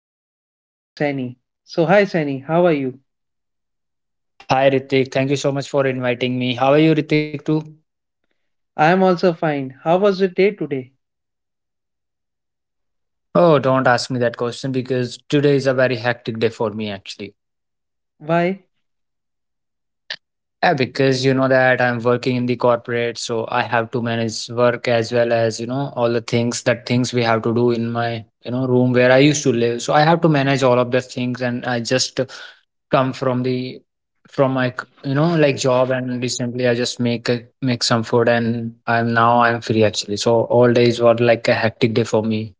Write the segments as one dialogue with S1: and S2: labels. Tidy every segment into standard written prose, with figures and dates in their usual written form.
S1: here's my friend Sani. So, hi Sani, how are you?
S2: Hi Ritik, thank you so much for inviting me. How are you, Ritik, too?
S1: I am also fine. How was the day today?
S2: Oh, don't ask me that question because today is a very hectic day for me actually.
S1: Why?
S2: Yeah, because you know that I'm working in the corporate, so I have to manage work as well as, all the things that things we have to do in my, room where I used to live. So I have to manage all of the things and I just come from the from my, you know, like job and recently I just make a, make some food and I'm now I'm free actually. So all days were like a hectic day for me.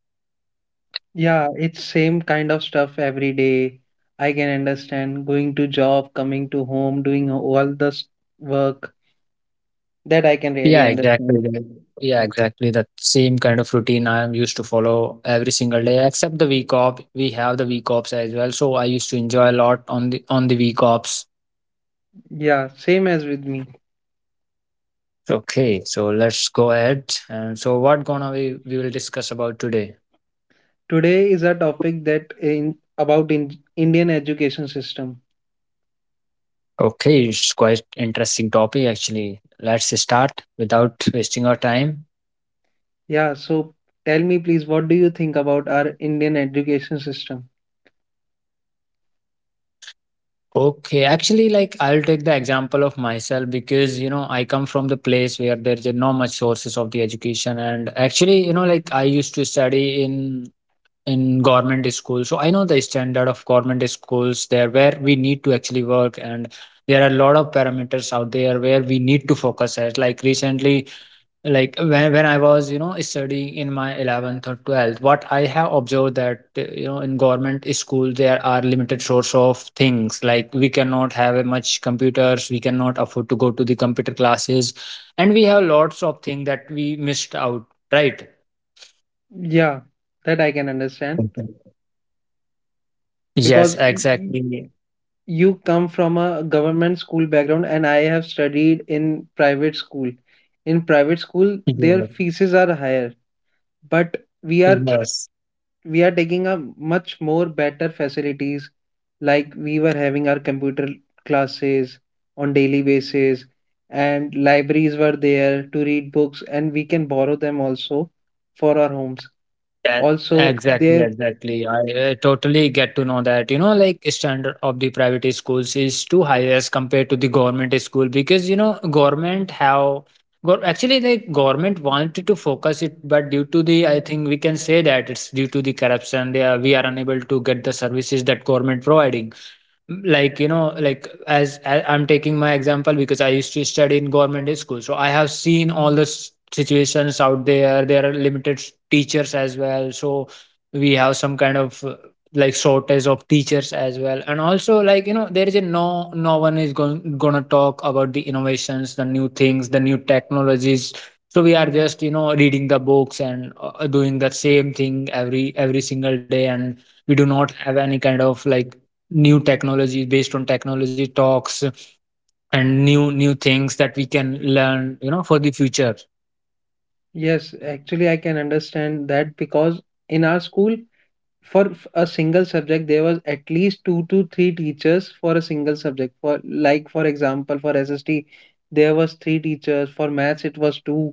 S1: Yeah, it's same kind of stuff every day. I can understand going to job, coming to home, doing all this work that I can really
S2: Yeah, exactly.
S1: understand.
S2: Yeah, exactly. That same kind of routine I am used to follow every single day, except the week off. We have the week offs as well, so I used to enjoy a lot on the week offs.
S1: Yeah, same as with me.
S2: Okay, so let's go ahead. And so, what gonna we will discuss about today?
S1: Today is a topic that in Indian education system.
S2: Okay, it's quite interesting topic actually. Let's start without wasting our time.
S1: Yeah, so tell me please, what do you think about our Indian education system?
S2: Okay, actually, like I'll take the example of myself because you know I come from the place where there's not much sources of the education, and actually, you know, like I used to study in government school, so I know the standard of government schools there where we need to actually work, and there are a lot of parameters out there where we need to focus at. Like recently, like when I was you know studying in my 11th or 12th, what I have observed that you know, in government school there are limited source of things, like we cannot have a much computers, we cannot afford to go to the computer classes, and we have lots of things that we missed out, right?
S1: Yeah, that I can understand
S2: Yes,
S1: because
S2: exactly.
S1: you come from a government school background and I have studied in private school. In private school, their
S2: yes
S1: fees are higher, but we are
S2: yes.
S1: we are taking a much more better facilities like we were having our computer classes on daily basis, and libraries were there to read books and we can borrow them also for our homes
S2: Yes,
S1: also
S2: exactly,
S1: there.
S2: exactly. I totally get to know that. You know, like standard of the private schools is too high as compared to the government school, because you know government have go actually like government wanted to focus it, but due to the I think we can say that it's due to the corruption. They are, we are unable to get the services that government providing, like you know, like as I, I'm taking my example because I used to study in government school, so I have seen all the situations out there. There are limited teachers as well, so we have some kind of like shortage of teachers as well, and also like you know, there is a no one is going gonna talk about the innovations, the new things, the new technologies. So we are just you know reading the books and doing the same thing every single day, and we do not have any kind of like new technologies based on technology talks and new things that we can learn you know for the future.
S1: Yes, actually I can understand that because in our school for a single subject there was at least two to three teachers for a single subject, for like for example for SST there was three teachers, for maths it was two.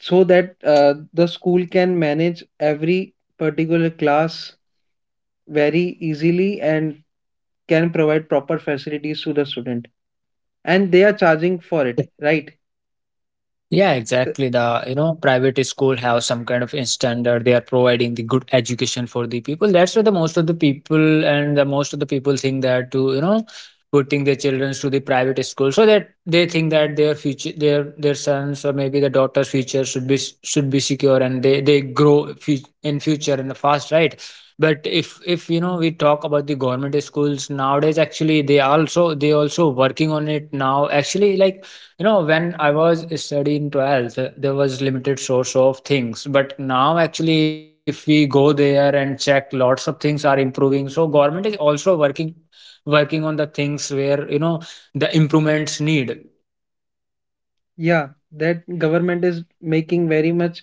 S1: So that the school can manage every particular class very easily and can provide proper facilities to the student, and they are charging for it, right?
S2: Yeah,
S1: Th-
S2: exactly. The, you know, private school have some kind of standard. They are providing the good education for the people. That's why the most of the people and the most of the people think that to, you know, putting their children to the private school, so that they think that their future, their sons or maybe the daughter's future should should be secure, and they grow in future in the fast, right? But if you know we talk about the government schools nowadays, actually they also working on it now. Actually, like you know, when I was studying 12th, there was limited source of things. But now actually, if we go there and check, lots of things are improving. So government is also working on the things where, you know, the improvements need.
S1: yeah, that government is making very much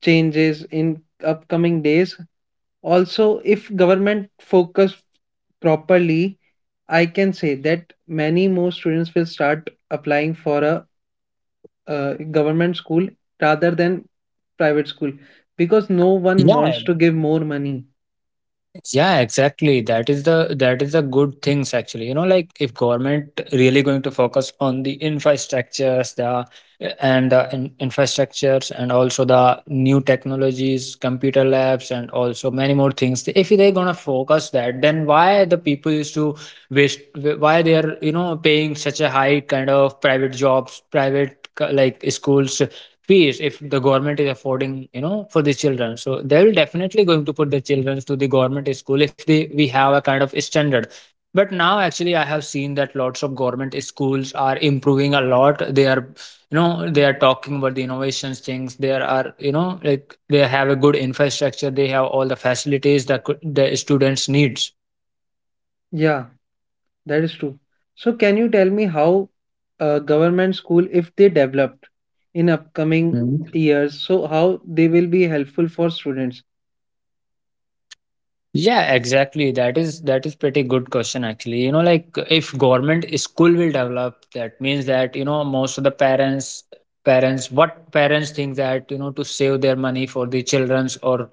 S1: changes in upcoming days. Also, if government focus properly, I can say that many more students will start applying for a government school rather than private school, because no one
S2: Yeah.
S1: wants to give more money.
S2: Yeah, exactly. That is the good things actually. You know, like if government really going to focus on the infrastructures, the and the in, infrastructures and also the new technologies, computer labs, and also many more things. If they're gonna focus that, then why the people used to waste? Why they are you know paying such a high kind of private jobs, private like schools fees, if the government is affording you know for the children, so they'll definitely going to put the children to the government school, if they we have a kind of standard. But now actually I have seen that lots of government schools are improving a lot. They are you know, they are talking about the innovations things. There are you know, like they have a good infrastructure, they have all the facilities that the students needs.
S1: Yeah, that is true. So can you tell me how government school, if they developed in upcoming
S2: Mhm.
S1: years, so how they will be helpful for students?
S2: Yeah, exactly. That is pretty good question actually. You know, like if government school will develop, that means that, you know, most of the parents what parents think that, you know, to save their money for the children's or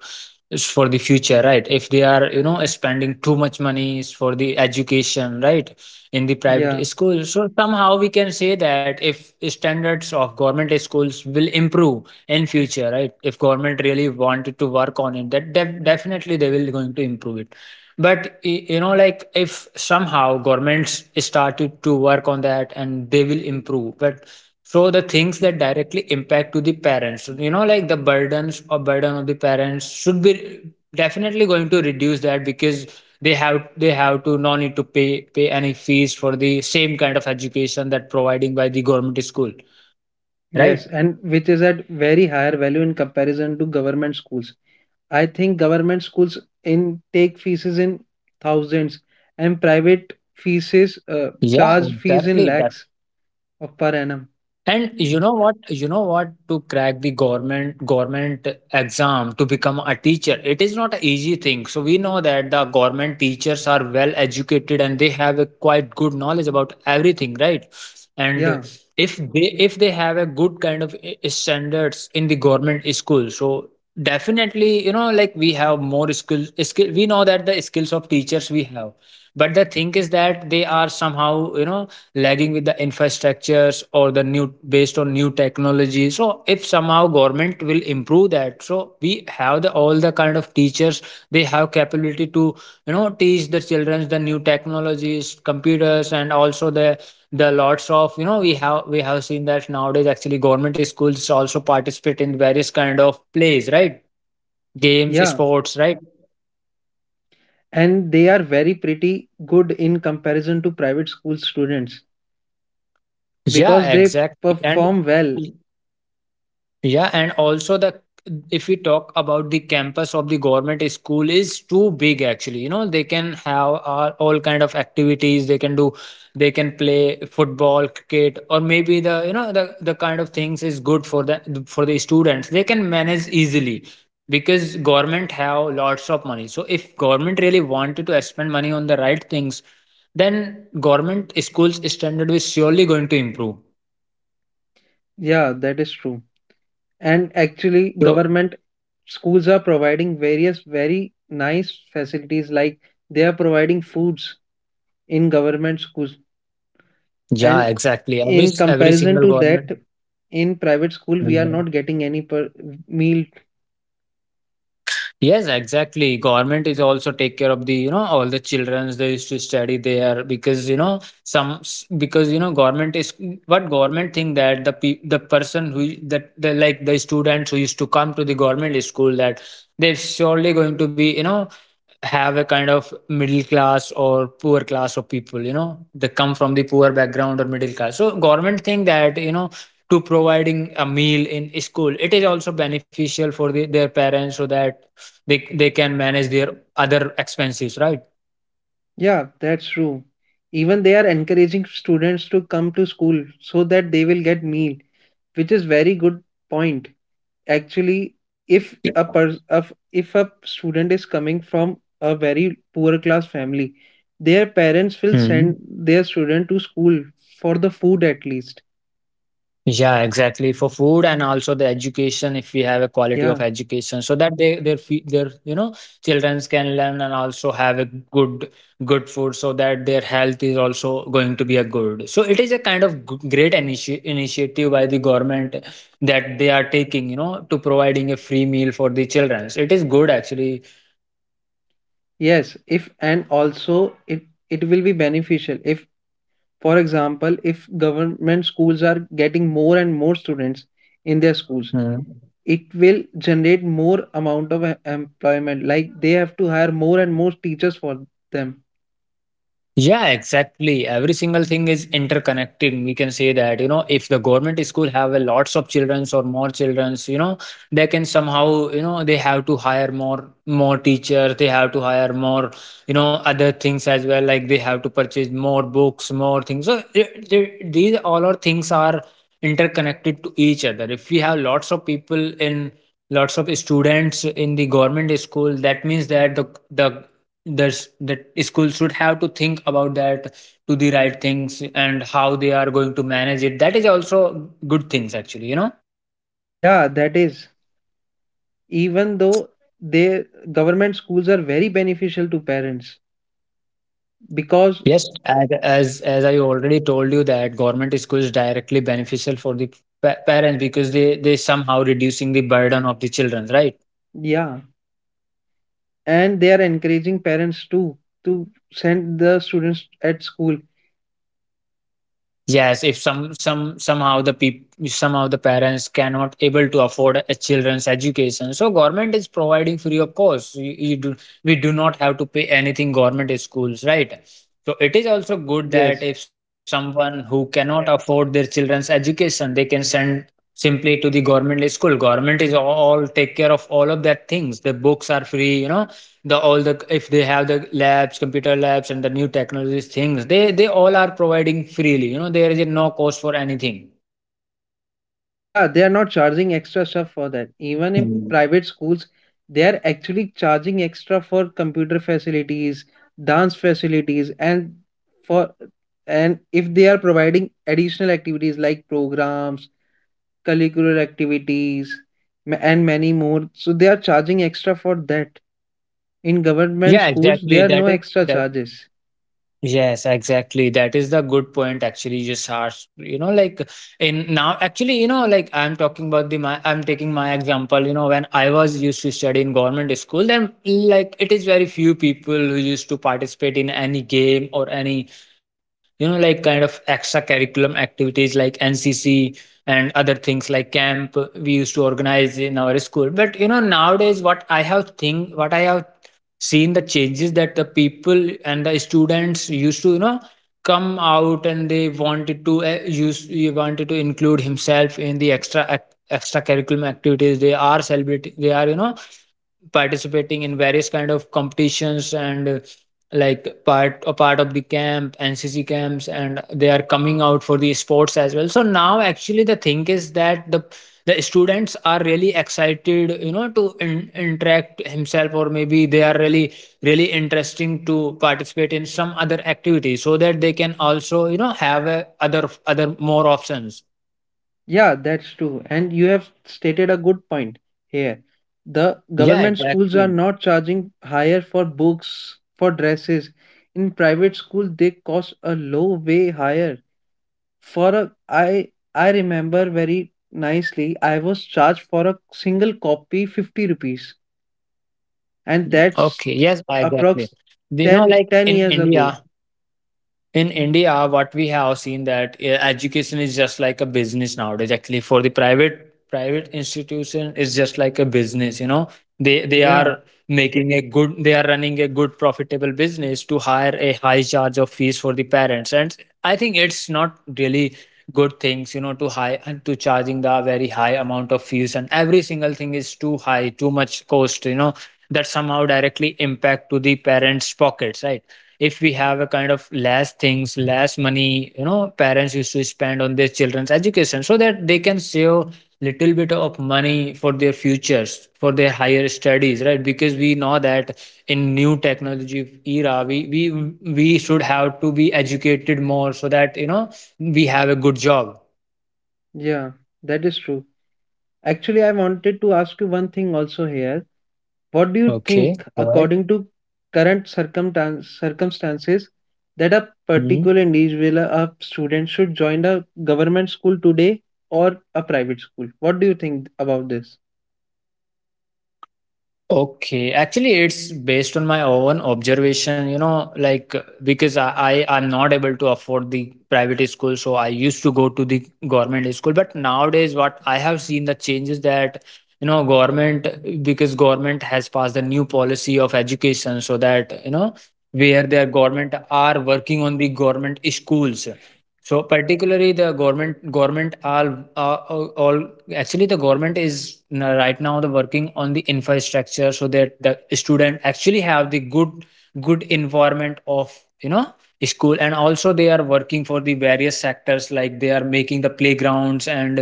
S2: it's for the future, right? If they are, you know, spending too much money is for the education, right, in the
S1: Yeah,
S2: private school. So somehow we can say that if standards of government schools will improve in future, right? If government really wanted to work on it, that definitely they will going to improve it. But you know, like if somehow governments started to work on that and they will improve, but so the things that directly impact to the parents, you know, like the burdens or burden of the parents should be definitely going to reduce that, because they have to no need to pay any fees for the same kind of education that providing by the government school,
S1: yes,
S2: right?
S1: and which is at very higher value in comparison to government schools. I think government schools in take fees is in thousands, and private fees is
S2: Yeah,
S1: charge
S2: exactly.
S1: fees in lakhs. Oh, per annum.
S2: And you know what? You know what? To crack the government exam to become a teacher, it is not an easy thing. So we know that the government teachers are well educated and they have a quite good knowledge about everything, right? And
S1: Yeah,
S2: if they have a good kind of standards in the government school, so definitely you know like we have more skills. Skill, we know that the skills of teachers we have, but the thing is that they are somehow you know lagging with the infrastructures or the new based on new technology. So if somehow government will improve that, so we have the all the kind of teachers, they have capability to you know teach the children the new technologies, computers, and also the lots of you know, we have seen that nowadays actually government schools also participate in various kind of plays, right? Games,
S1: yeah.
S2: sports, right?
S1: And they are very pretty good in comparison to private school students
S2: Yeah,
S1: because they
S2: exactly. And
S1: perform well.
S2: yeah, and also the if we talk about the campus of the government school is too big actually. You know, they can have all kind of activities they can do. They can play football, cricket, or maybe the you know the kind of things is good for the students. They can manage easily, because government have lots of money. So if government really wanted to spend money on the right things, then government schools standard is surely going to improve.
S1: Yeah, that is true. And actually,
S2: So
S1: government schools are providing various very nice facilities like they are providing foods in government schools. And
S2: yeah, exactly. every
S1: in
S2: every
S1: comparison
S2: single
S1: to
S2: government.
S1: that, in private school, we are
S2: Mhm.
S1: not getting any per meal.
S2: Yes, exactly. Government is also take care of the you know all the childrens they used to study there, because you know some because you know government is what government think that the the person who that the like the students who used to come to the government school, that they're surely going to be you know have a kind of middle class or poor class of people. You know, they come from the poor background or middle class, so government think that you know to providing a meal in school, it is also beneficial for the, their parents, so that they can manage their other expenses, right?
S1: Yeah, that's true. Even they are encouraging students to come to school so that they will get meal, which is very good point. Actually, if a pers- of if a student is coming from a very poor class family, their parents will
S2: Mhm.
S1: send their student to school for the food at least.
S2: Yeah, exactly. For food and also the education, if we have a quality of
S1: Yeah.
S2: education, so that they their you know childrens can learn and also have a good good food, so that their health is also going to be a good. So it is a kind of great initiative by the government that they are taking, you know, to providing a free meal for the childrens. It is good actually.
S1: Yes, if and also it will be beneficial if, for example, if government schools are getting more and more students in their schools,
S2: Hmm.
S1: it will generate more amount of employment, like they have to hire more and more teachers for them.
S2: Yeah, exactly. Every single thing is interconnected. We can say that, you know, if the government school have a lots of childrens or more childrens, you know, they can somehow, you know, they have to hire more teachers, they have to hire more, you know, other things as well. Like they have to purchase more books, more things. So these all our things are interconnected to each other. If we have lots of people in lots of students in the government school, that means that the that schools should have to think about that to the right things and how they are going to manage it. That is also good things actually, you know.
S1: Yeah, that is, even though their government schools are very beneficial to parents because,
S2: Yes, as I already told you that government school is directly beneficial for the parents, because they somehow reducing the burden of the children, right?
S1: yeah, and they are encouraging parents too to send the students at school.
S2: Yes, if somehow the people, somehow the parents cannot able to afford a children's education, so government is providing free of course. You do We do not have to pay anything government schools, right? So it is also good that
S1: Yes.
S2: if someone who cannot afford their children's education, they can send simply to the government school. Government is all take care of all of that things. The books are free, you know, the all the if they have the labs, computer labs and the new technologies things, they all are providing freely, you know. There is a no cost for anything.
S1: Yeah, they are not charging extra stuff for that. Even in
S2: Hmm.
S1: private schools, they are actually charging extra for computer facilities, dance facilities, and for, and if they are providing additional activities like programs, curricular activities, and many more, so they are charging extra for that. In government
S2: Yeah,
S1: schools,
S2: exactly.
S1: there are no
S2: that is
S1: extra
S2: that
S1: charges.
S2: Yes, exactly. That is the good point actually you just asked. You know, like in now actually, you know, like I'm talking about the my I'm taking my example, you know, when I was used to study in government school, then like it is very few people who used to participate in any game or any, you know, like kind of extracurriculum activities like NCC and other things like camp we used to organize in our school. But you know, nowadays what I have seen, the changes that the people and the students used to, you know, come out and they wanted to use he wanted to include himself in the extracurriculum activities. They are celebrating, they are, you know, participating in various kind of competitions and, like part of the camp, NCC camps, and they are coming out for the sports as well. So now actually the thing is that the students are really excited, you know, to interact himself, or maybe they are really interesting to participate in some other activity so that they can also, you know, have a, other more options.
S1: Yeah, that's true. And you have stated a good point here. The
S2: Yeah,
S1: government schools are
S2: exactly.
S1: not charging higher for books, for dresses. In private school, they cost a low way higher. For a, I remember very nicely, I was charged for a single copy 50 rupees,
S2: Mm.
S1: and
S2: Okay,
S1: that's
S2: yes, exactly.
S1: approx
S2: You know,
S1: ten
S2: like
S1: ten
S2: in
S1: years
S2: India,
S1: ago.
S2: what we have seen that, education is just like a business nowadays. Actually, for the private institution is just like a business. You know, they
S1: Yeah,
S2: are making a good, they are running a good profitable business to hire a high charge of fees for the parents. And I think it's not really good things. You know, to high to charging the very high amount of fees, and every single thing is too high, too much cost. You know, that somehow directly impact to the parents' pockets, right? If we have a kind of less things, less money, you know, parents used to spend on their children's education so that they can save little bit of money for their futures, for their higher studies, right? Because we know that in new technology era, we should have to be educated more so that, you know, we have a good job.
S1: yeah, that is true. Actually, I wanted to ask you one thing also here. What do you
S2: Okay,
S1: think,
S2: go ahead.
S1: according to current circumstances, that a
S2: Mhm.
S1: particular individual, a student, should join a government school today or a private school? What do you think about this?
S2: Okay, actually, it's based on my own observation, you know, like, because I'm not able to afford the private school, so I used to go to the government school. But nowadays, what I have seen the changes that, you know, government, because government has passed a new policy of education, so that, you know, where their government are working on the government schools. So particularly the government are all actually the government is right now the working on the infrastructure so that the student actually have the good environment of, you know, school. And also they are working for the various sectors, like they are making the playgrounds,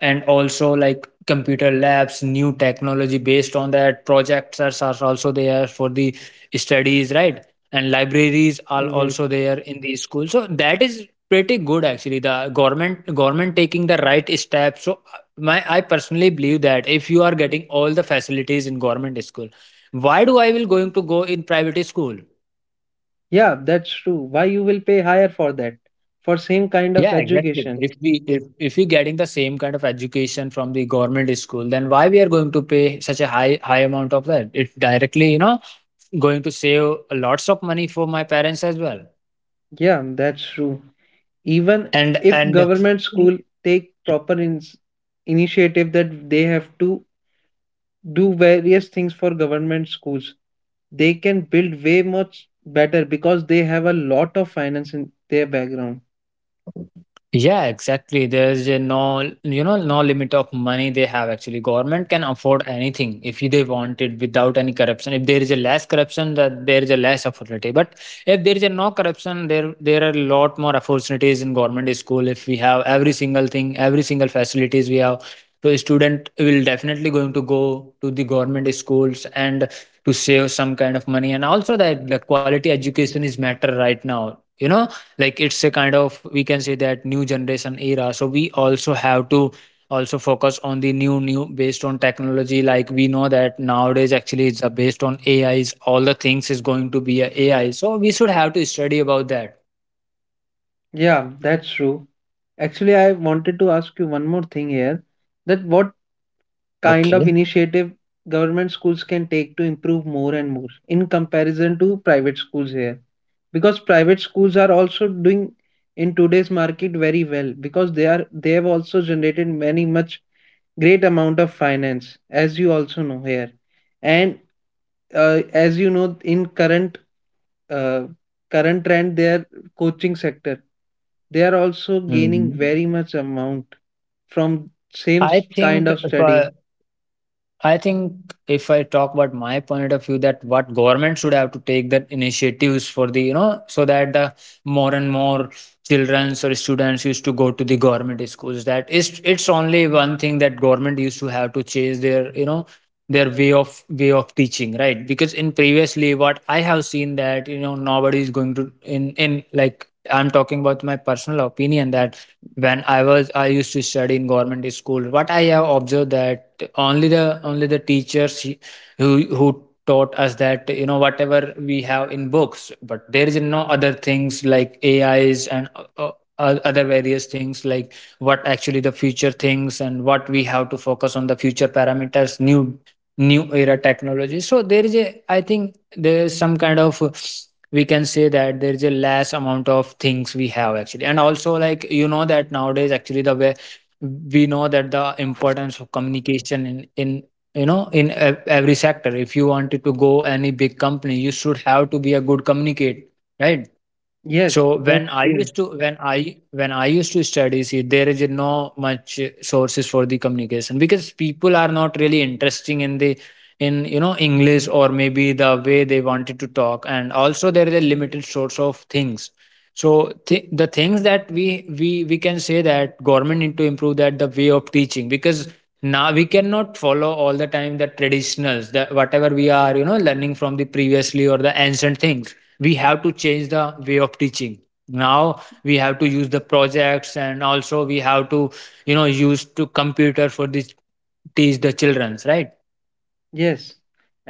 S2: and also like computer labs, new technology based on that, projectors are also there for the studies, right? And libraries are
S1: Yeah,
S2: also there in the school, so that is pretty good actually. The government taking the right steps. So, my I personally believe that if you are getting all the facilities in government school, why do I will going to go in private school?
S1: yeah, that's true. Why you will pay higher for that? For same kind of
S2: Yeah, exactly.
S1: education.
S2: If we getting the same kind of education from the government school, then why we are going to pay such a high amount of that? It's directly, you know, going to save lots of money for my parents as well.
S1: Yeah, that's true. Even if
S2: And
S1: government school take proper initiative that they have to do various things for government schools, they can build way much better because they have a lot of finance in their background.
S2: yeah, exactly. There's a no, you know, no limit of money they have. Actually, government can afford anything if they want it without any corruption. If there is a less corruption, that there is a less opportunity. But if there is a no corruption, there are a lot more opportunities in government school. If we have every single thing, every single facilities we have, so student will definitely going to go to the government schools and to save some kind of money. And also that the quality education is matter right now, you know, like it's a kind of, we can say that new generation era. So we also have to also focus on the new based on technology. Like we know that nowadays actually it's, based on AIs, all the things is going to be a AI, so we should have to study about that.
S1: Yeah, that's true. Actually, I wanted to ask you one more thing here, that what
S2: Okay.
S1: kind of initiative government schools can take to improve more and more in comparison to private schools here, because private schools are also doing in today's market very well, because they have also generated many much great amount of finance, as you also know here. And as you know in uh, current trend, their coaching sector, they are also gaining
S2: Mhm.
S1: very much amount from same
S2: I
S1: s-
S2: think,
S1: kind of study.
S2: uh, I think if I talk about my point of view, that what government should have to take that initiatives for the, you know, so that the more and more children or students used to go to the government schools. That is, it's only one thing that government used to have to change their, you know, their way of teaching, right? Because in previously, what I have seen that, you know, nobody is going to in like I'm talking about my personal opinion that when I was I used to study in government school. What I have observed that only the teachers, who taught us that, you know, whatever we have in books. But there is no other things like AIs and, uh, other various things like what actually the future things and what we have to focus on the future parameters, new era technology. So there is a, I think there is some kind of, we can say that there is a less amount of things we have actually. And also, like, you know that nowadays actually the way we know that the importance of communication in you know, in every sector, if you wanted to go any big company, you should have to be a good communicator, right?
S1: Yes,
S2: So
S1: that's
S2: when I
S1: true.
S2: used to when I used to study, see, there is no much sources for the communication because people are not really interesting in the, in, you know, English, or maybe the way they wanted to talk, and also there is a limited source of things. So the things that we can say that government need to improve that the way of teaching. Because now we cannot follow all the time the traditionals, the whatever we are, you know, learning from the previously or the ancient things, we have to change the way of teaching. Now we have to use the projects, and also we have to, you know, use to computer for this, teach the childrens, right?
S1: Yes,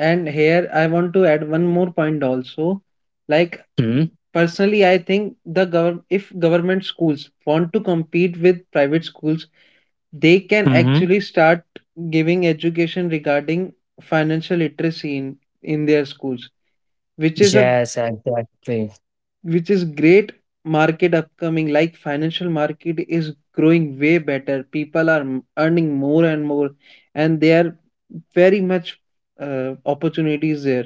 S1: and here I want to add one more point also, like personally I think the government, if government schools want to compete with private schools, they can
S2: Mm-hmm.
S1: actually start giving education regarding financial literacy in their schools, which is a,
S2: Yes, exactly.
S1: which is great market upcoming, like financial market is growing way better, people are earning more and more, and there are very much opportunities there.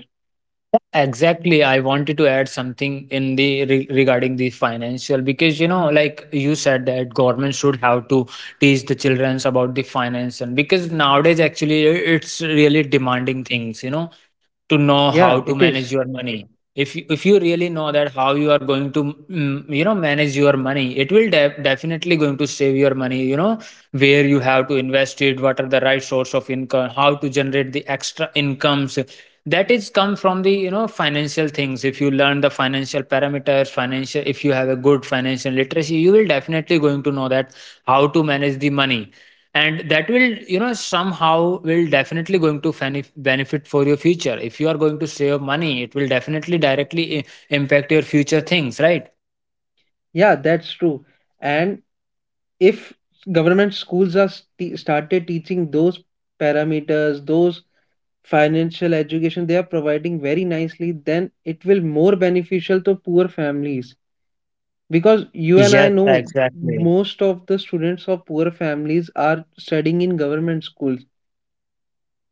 S2: Exactly, I wanted to add something in the regarding the financial, because you know, like you said that government should have to teach the childrens about the finance. And because nowadays actually it's really demanding things, you know, to know
S1: Yeah,
S2: how to
S1: it is.
S2: manage your money. If you really know that how you are going to, mm, you know, manage your money, it will definitely going to save your money. You know, where you have to invest it, what are the right source of income, how to generate the extra incomes. That is come from the, you know, financial things. If you learn the financial parameters, financial if you have a good financial literacy, you will definitely going to know that how to manage the money. And that will, you know, somehow will definitely going to benefit for your future. If you are going to save money, it will definitely directly impact your future things, right?
S1: Yeah, that's true. And if government schools are started teaching those parameters, those financial education they are providing very nicely, then it will more beneficial to poor families, because you and I
S2: Yes,
S1: know
S2: exactly.
S1: most of the students of poor families are studying in government schools.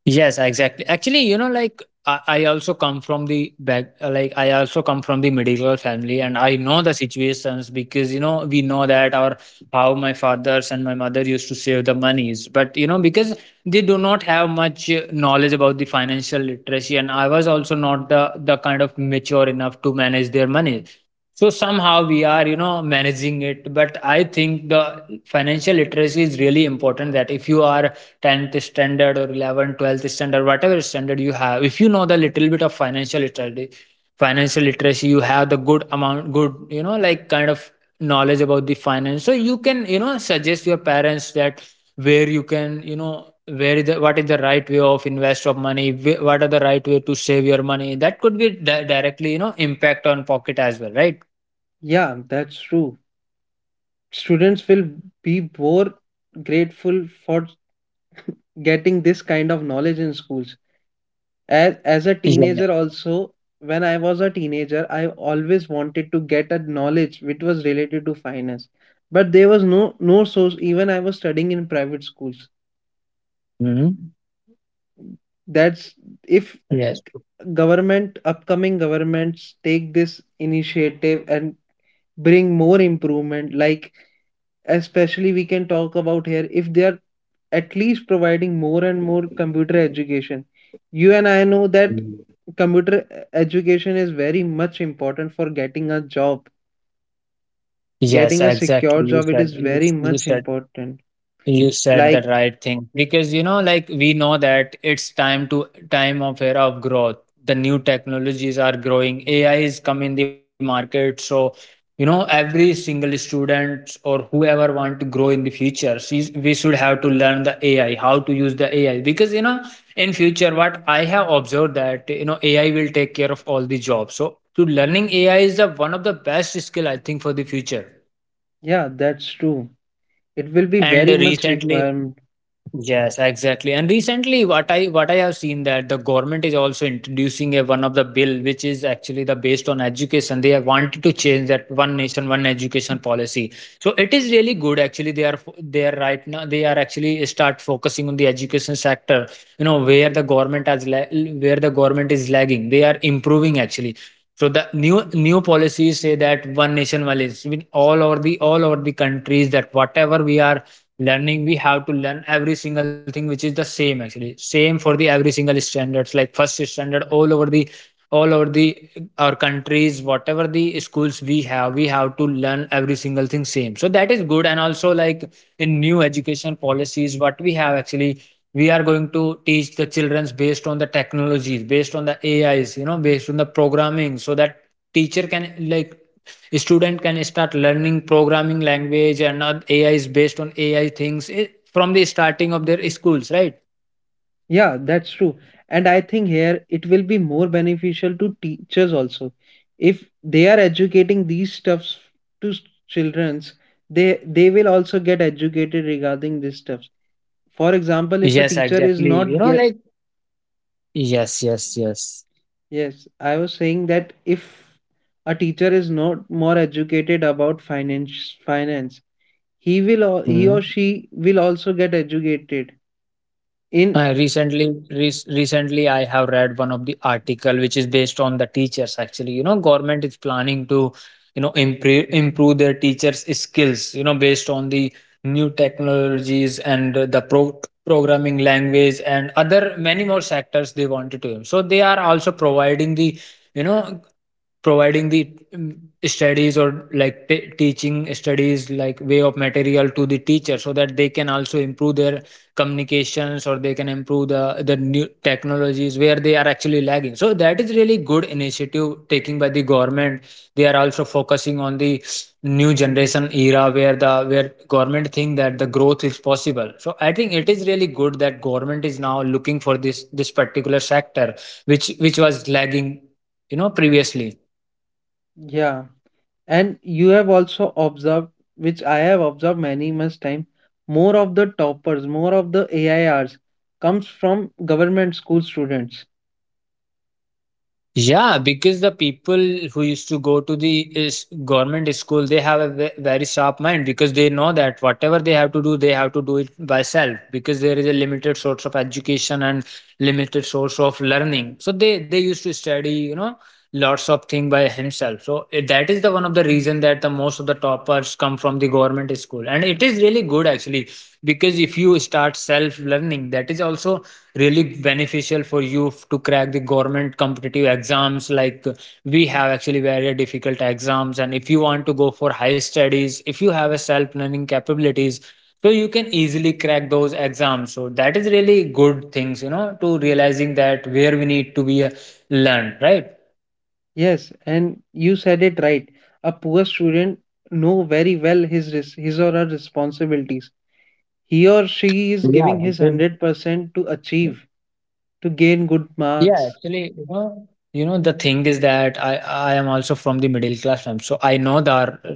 S2: Yes, exactly. Actually, you know, like I also come from like I also come from the medical family, and I know the situations because you know we know that our, how my fathers and my mother used to save the monies, but you know because they do not have much knowledge about the financial literacy, and I was also not the kind of mature enough to manage their money. So somehow we are, you know, managing it. But I think the financial literacy is really important, that if you are 10th standard or 11th 12th standard, whatever standard you have, if you know the little bit of financial literacy, you have the good amount, good, you know, like kind of knowledge about the finance, so you can, you know, suggest your parents that where you can, you know, where is the, what is the right way of invest of money, what are the right way to save your money? That could be directly, you know, impact on pocket as well, right?
S1: Yeah, that's true. Students will be more grateful for getting this kind of knowledge in schools. As a teenager,
S2: Yes.
S1: also, when I was a teenager, I always wanted to get a knowledge which was related to finance. But there was no source. Even I was studying in private schools.
S2: Mhm.
S1: That's, if
S2: Yes.
S1: government upcoming governments take this initiative and bring more improvement, like especially we can talk about here, if they are at least providing more and more computer education. You and I know that computer education is very much important for getting a job,
S2: Yes,
S1: getting a secure
S2: exactly.
S1: job, it is very much important.
S2: You said the
S1: Like,
S2: right thing because, you know, like we know that it's time to time of era of growth. The new technologies are growing. AI is coming in the market, so you know every single student or whoever want to grow in the future, we should have to learn the AI, how to use the AI because you know in future what I have observed that you know AI will take care of all the jobs. So to learning AI is the one of the best skill I think for the future.
S1: yeah, that's true, it will be
S2: And
S1: very much
S2: recently
S1: required.
S2: Yes, exactly. And recently, what I have seen that the government is also introducing a one of the bill, which is actually the based on education. They have wanted to change that one nation, one education policy. So it is really good. Actually, they are fo- they are right now. They are actually start focusing on the education sector. You know where the government has la- where the government is lagging, they are improving actually. So the new new policies say that one nation, one is all over the countries, that whatever we are learning, we have to learn every single thing, which is the same, actually same for the every single standards, like first standard, all over the our countries, whatever the schools we have, we have to learn every single thing same, so that is good. And also, like, in new education policies, what we have actually, we are going to teach the children's based on the technologies, based on the ais, you know, based on the programming, so that teacher can like student can start learning programming language and ai is based on ai things, from the starting of their schools, right?
S1: Yeah, that's true. And I think here it will be more beneficial to teachers also. If they are educating these stuffs to childrens, they will also get educated regarding these stuffs. For example, if a
S2: Yes,
S1: teacher is
S2: exactly, you
S1: not
S2: know,
S1: get,
S2: like, yes, yes, yes.
S1: yes, I was saying that if a teacher is not more educated about finance, he will, he
S2: Hmm.
S1: or she will also get educated in.
S2: Recently, I have read one of the article which is based on the teachers. Actually, you know, government is planning to, you know, improve their teachers' skills, you know, based on the new technologies and the programming language and other many more sectors they wanted to. So they are also providing the, you know, providing the studies, or like teaching studies, like way of material to the teacher, so that they can also improve their communications, or they can improve the new technologies where they are actually lagging. So that is really good initiative taken by the government. They are also focusing on the new generation era where the where government think that the growth is possible, so I think it is really good that government is now looking for this particular sector, which was lagging, you know, previously.
S1: Yeah, and you have also observed, which I have observed many much time, more of the toppers, more of the airs comes from government school students.
S2: Yeah, because the people who used to go to the is government school, they have a very sharp mind, because they know that whatever they have to do, they have to do it by self, because there is a limited source of education and limited source of learning. So they used to study, you know, lots of thing by himself. So that is the one of the reason that the most of the toppers come from the government school, and it is really good actually, because if you start self learning, that is also really beneficial for you to crack the government competitive exams, like we have actually very difficult exams, and if you want to go for high studies, if you have a self learning capabilities, so you can easily crack those exams, so that is really good things, you know, to realizing that where we need to be learned, right?
S1: Yes, and you said it right, a poor student know very well his, his or her responsibilities. He or she is
S2: Yeah,
S1: giving his
S2: because
S1: 100% to achieve, to gain good
S2: Yeah,
S1: marks.
S2: actually, you know, the thing is that I am also from the middle class family, so I know the,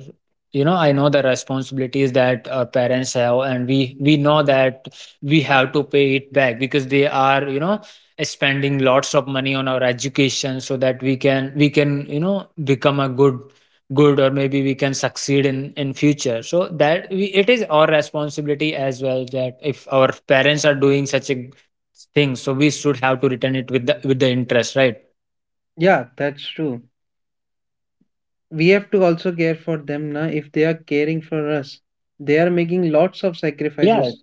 S2: you know, I know the responsibilities that our parents have, and we know that we have to pay it back because they are, you know, spending lots of money on our education, so that we can, you know, become a good good, or maybe we can succeed in future, so that we, it is our responsibility as well, that if our parents are doing such a thing, so we should have to return it with the interest, right?
S1: Yeah, that's true. We have to also care for them now if they are caring for us. They are making lots of
S2: Yeah,
S1: sacrifices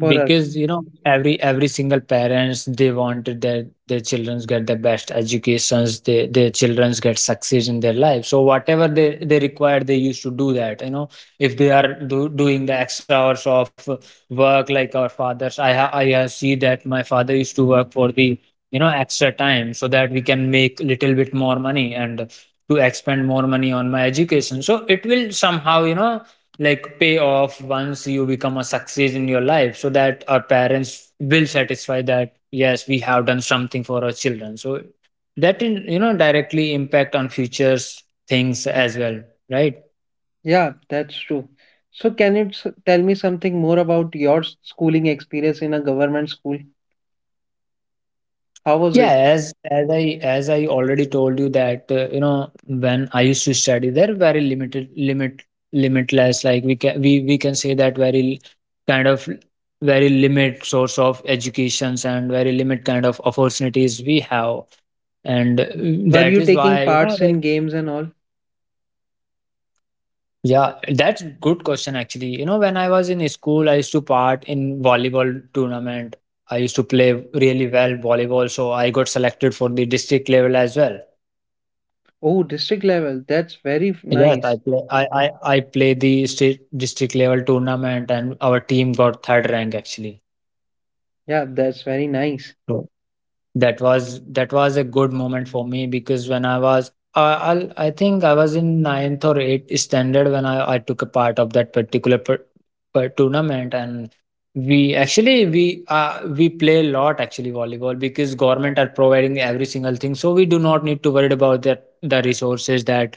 S1: for us.
S2: because you know every single parents, they want their children get the best educations. They, their children get success in their life. So whatever they require, they used to do that. You know, if they are doing the extra hours of work, like our fathers, see that my father used to work for the, you know, extra time, so that we can make little bit more money and to expend more money on my education. So it will somehow, you know, like pay off once you become a success in your life, so that our parents will satisfy that yes, we have done something for our children, so that in, you know, directly impact on futures things as well, right?
S1: Yeah, that's true. So, can you tell me something more about your schooling experience in a government school? How was
S2: Yeah,
S1: it?
S2: as I already told you that, you know, when I used to study there, very limited limit limitless, like, we can we can say that very kind of very limit source of educations and very limit kind of opportunities we have, and
S1: Were
S2: that
S1: you
S2: is
S1: taking
S2: why, you know,
S1: parts
S2: like,
S1: in games and all?
S2: yeah, that's good question actually. You know, when I was in school, I used to part in volleyball tournament. I used to play really well volleyball, so I got selected for the district level as well.
S1: Oh, district level. That's very
S2: Yes, I
S1: nice.
S2: play. I play the state district level tournament, and our team got third rank actually.
S1: Yeah, that's very nice.
S2: So that was a good moment for me, because when I was I think I was in ninth or eighth standard when I took a part of that particular per tournament, and we actually we play a lot actually volleyball, because government are providing every single thing, so we do not need to worry about that the resources that.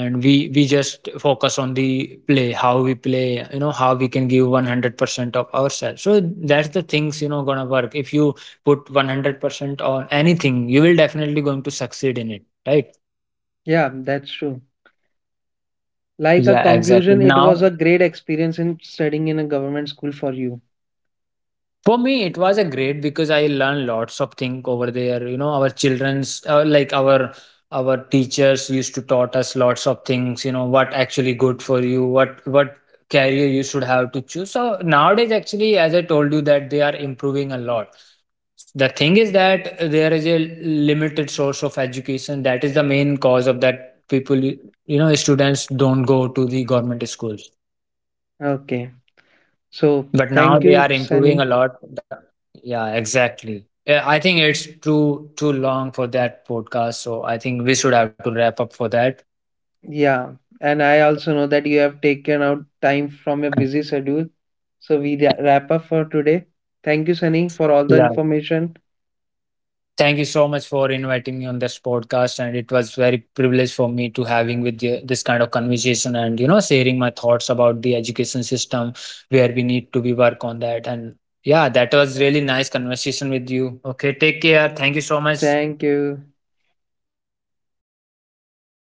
S2: And we just focus on the play, how we play, you know, how we can give 100% of ourselves. So that's the things, you know, gonna work. If you put 100% on anything, you will definitely going to succeed in it, right?
S1: Yeah, that's true. Like a
S2: Yeah, exactly.
S1: conclusion, it was a
S2: Now
S1: great experience in studying in a government school for you.
S2: for me it was a great, because I learned lots of things over there, you know, our children's, like our teachers used to taught us lots of things, you know, what actually good for you, what career you should have to choose. So nowadays actually, as I told you that they are improving a lot. The thing is that there is a limited source of education. That is the main cause of that people, you know, students don't go to the government schools.
S1: Okay. So,
S2: But now
S1: thank
S2: they
S1: you,
S2: are improving
S1: Sunny.
S2: a lot. The- Yeah, exactly. Yeah, I think it's too long for that podcast. So I think we should have to wrap up for that.
S1: Yeah, and I also know that you have taken out time from your busy schedule. So we wrap up for today. Thank you, Sunny, for all the
S2: Yeah.
S1: information.
S2: Thank you so much for inviting me on this podcast, and it was very privilege for me to having with you this kind of conversation, and you know, sharing my thoughts about the education system where we need to be work on that. And yeah, that was really nice conversation with you. Okay, take care. Thank you so much.
S1: Thank you.